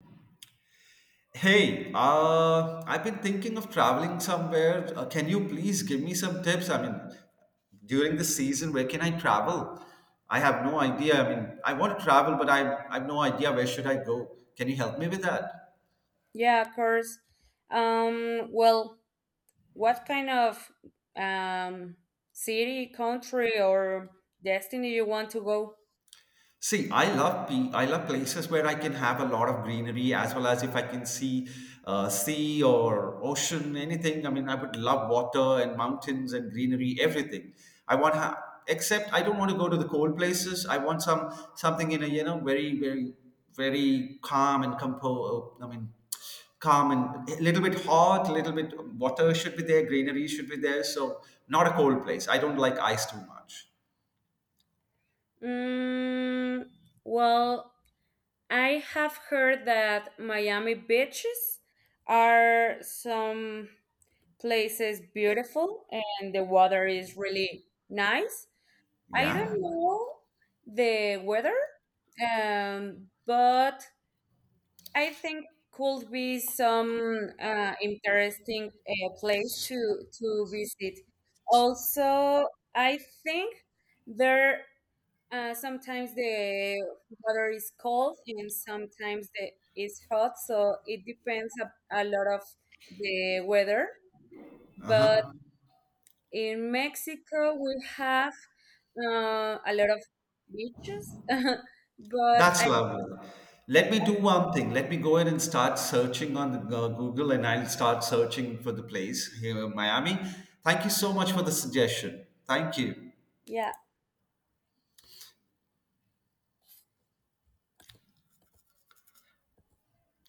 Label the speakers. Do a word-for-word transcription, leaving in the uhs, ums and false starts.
Speaker 1: Hey, uh, I've been thinking of traveling somewhere. Uh, can you please give me some tips? I mean, during the season, where can I travel? I have no idea. I mean, I want to travel, but I, I have no idea where should I go. Can you help me with that?
Speaker 2: Yeah, of course. Um, well, what kind of um, city, country, or destiny you want to go?
Speaker 1: See, I love pe- I love places where I can have a lot of greenery as well as if I can see uh, sea or ocean, anything. I mean, I would love water and mountains and greenery, everything. I want ha- except I don't want to go to the cold places. I want some something in a you know very very very calm and compo. uh, I mean, calm and a little bit hot, a little bit water should be there, greenery should be there. So not a cold place. I don't like ice too much.
Speaker 2: Mm, well, I have heard that Miami beaches are some places beautiful and the water is really nice. I
Speaker 1: Yeah.
Speaker 2: don't know the weather, um, but I think could be some uh, interesting uh, place to to visit. Also, I think there uh, sometimes the weather is cold and sometimes the it's hot, so it depends a, a lot of the weather.
Speaker 1: Uh
Speaker 2: But
Speaker 1: huh.
Speaker 2: in Mexico, we have uh, a lot of beaches, but
Speaker 1: That's
Speaker 2: I
Speaker 1: lovely. Let me do one thing. Let me go in and start searching on the, uh, Google and I'll start searching for the place here in Miami. Thank you so much for the suggestion. Thank you.
Speaker 2: yeah.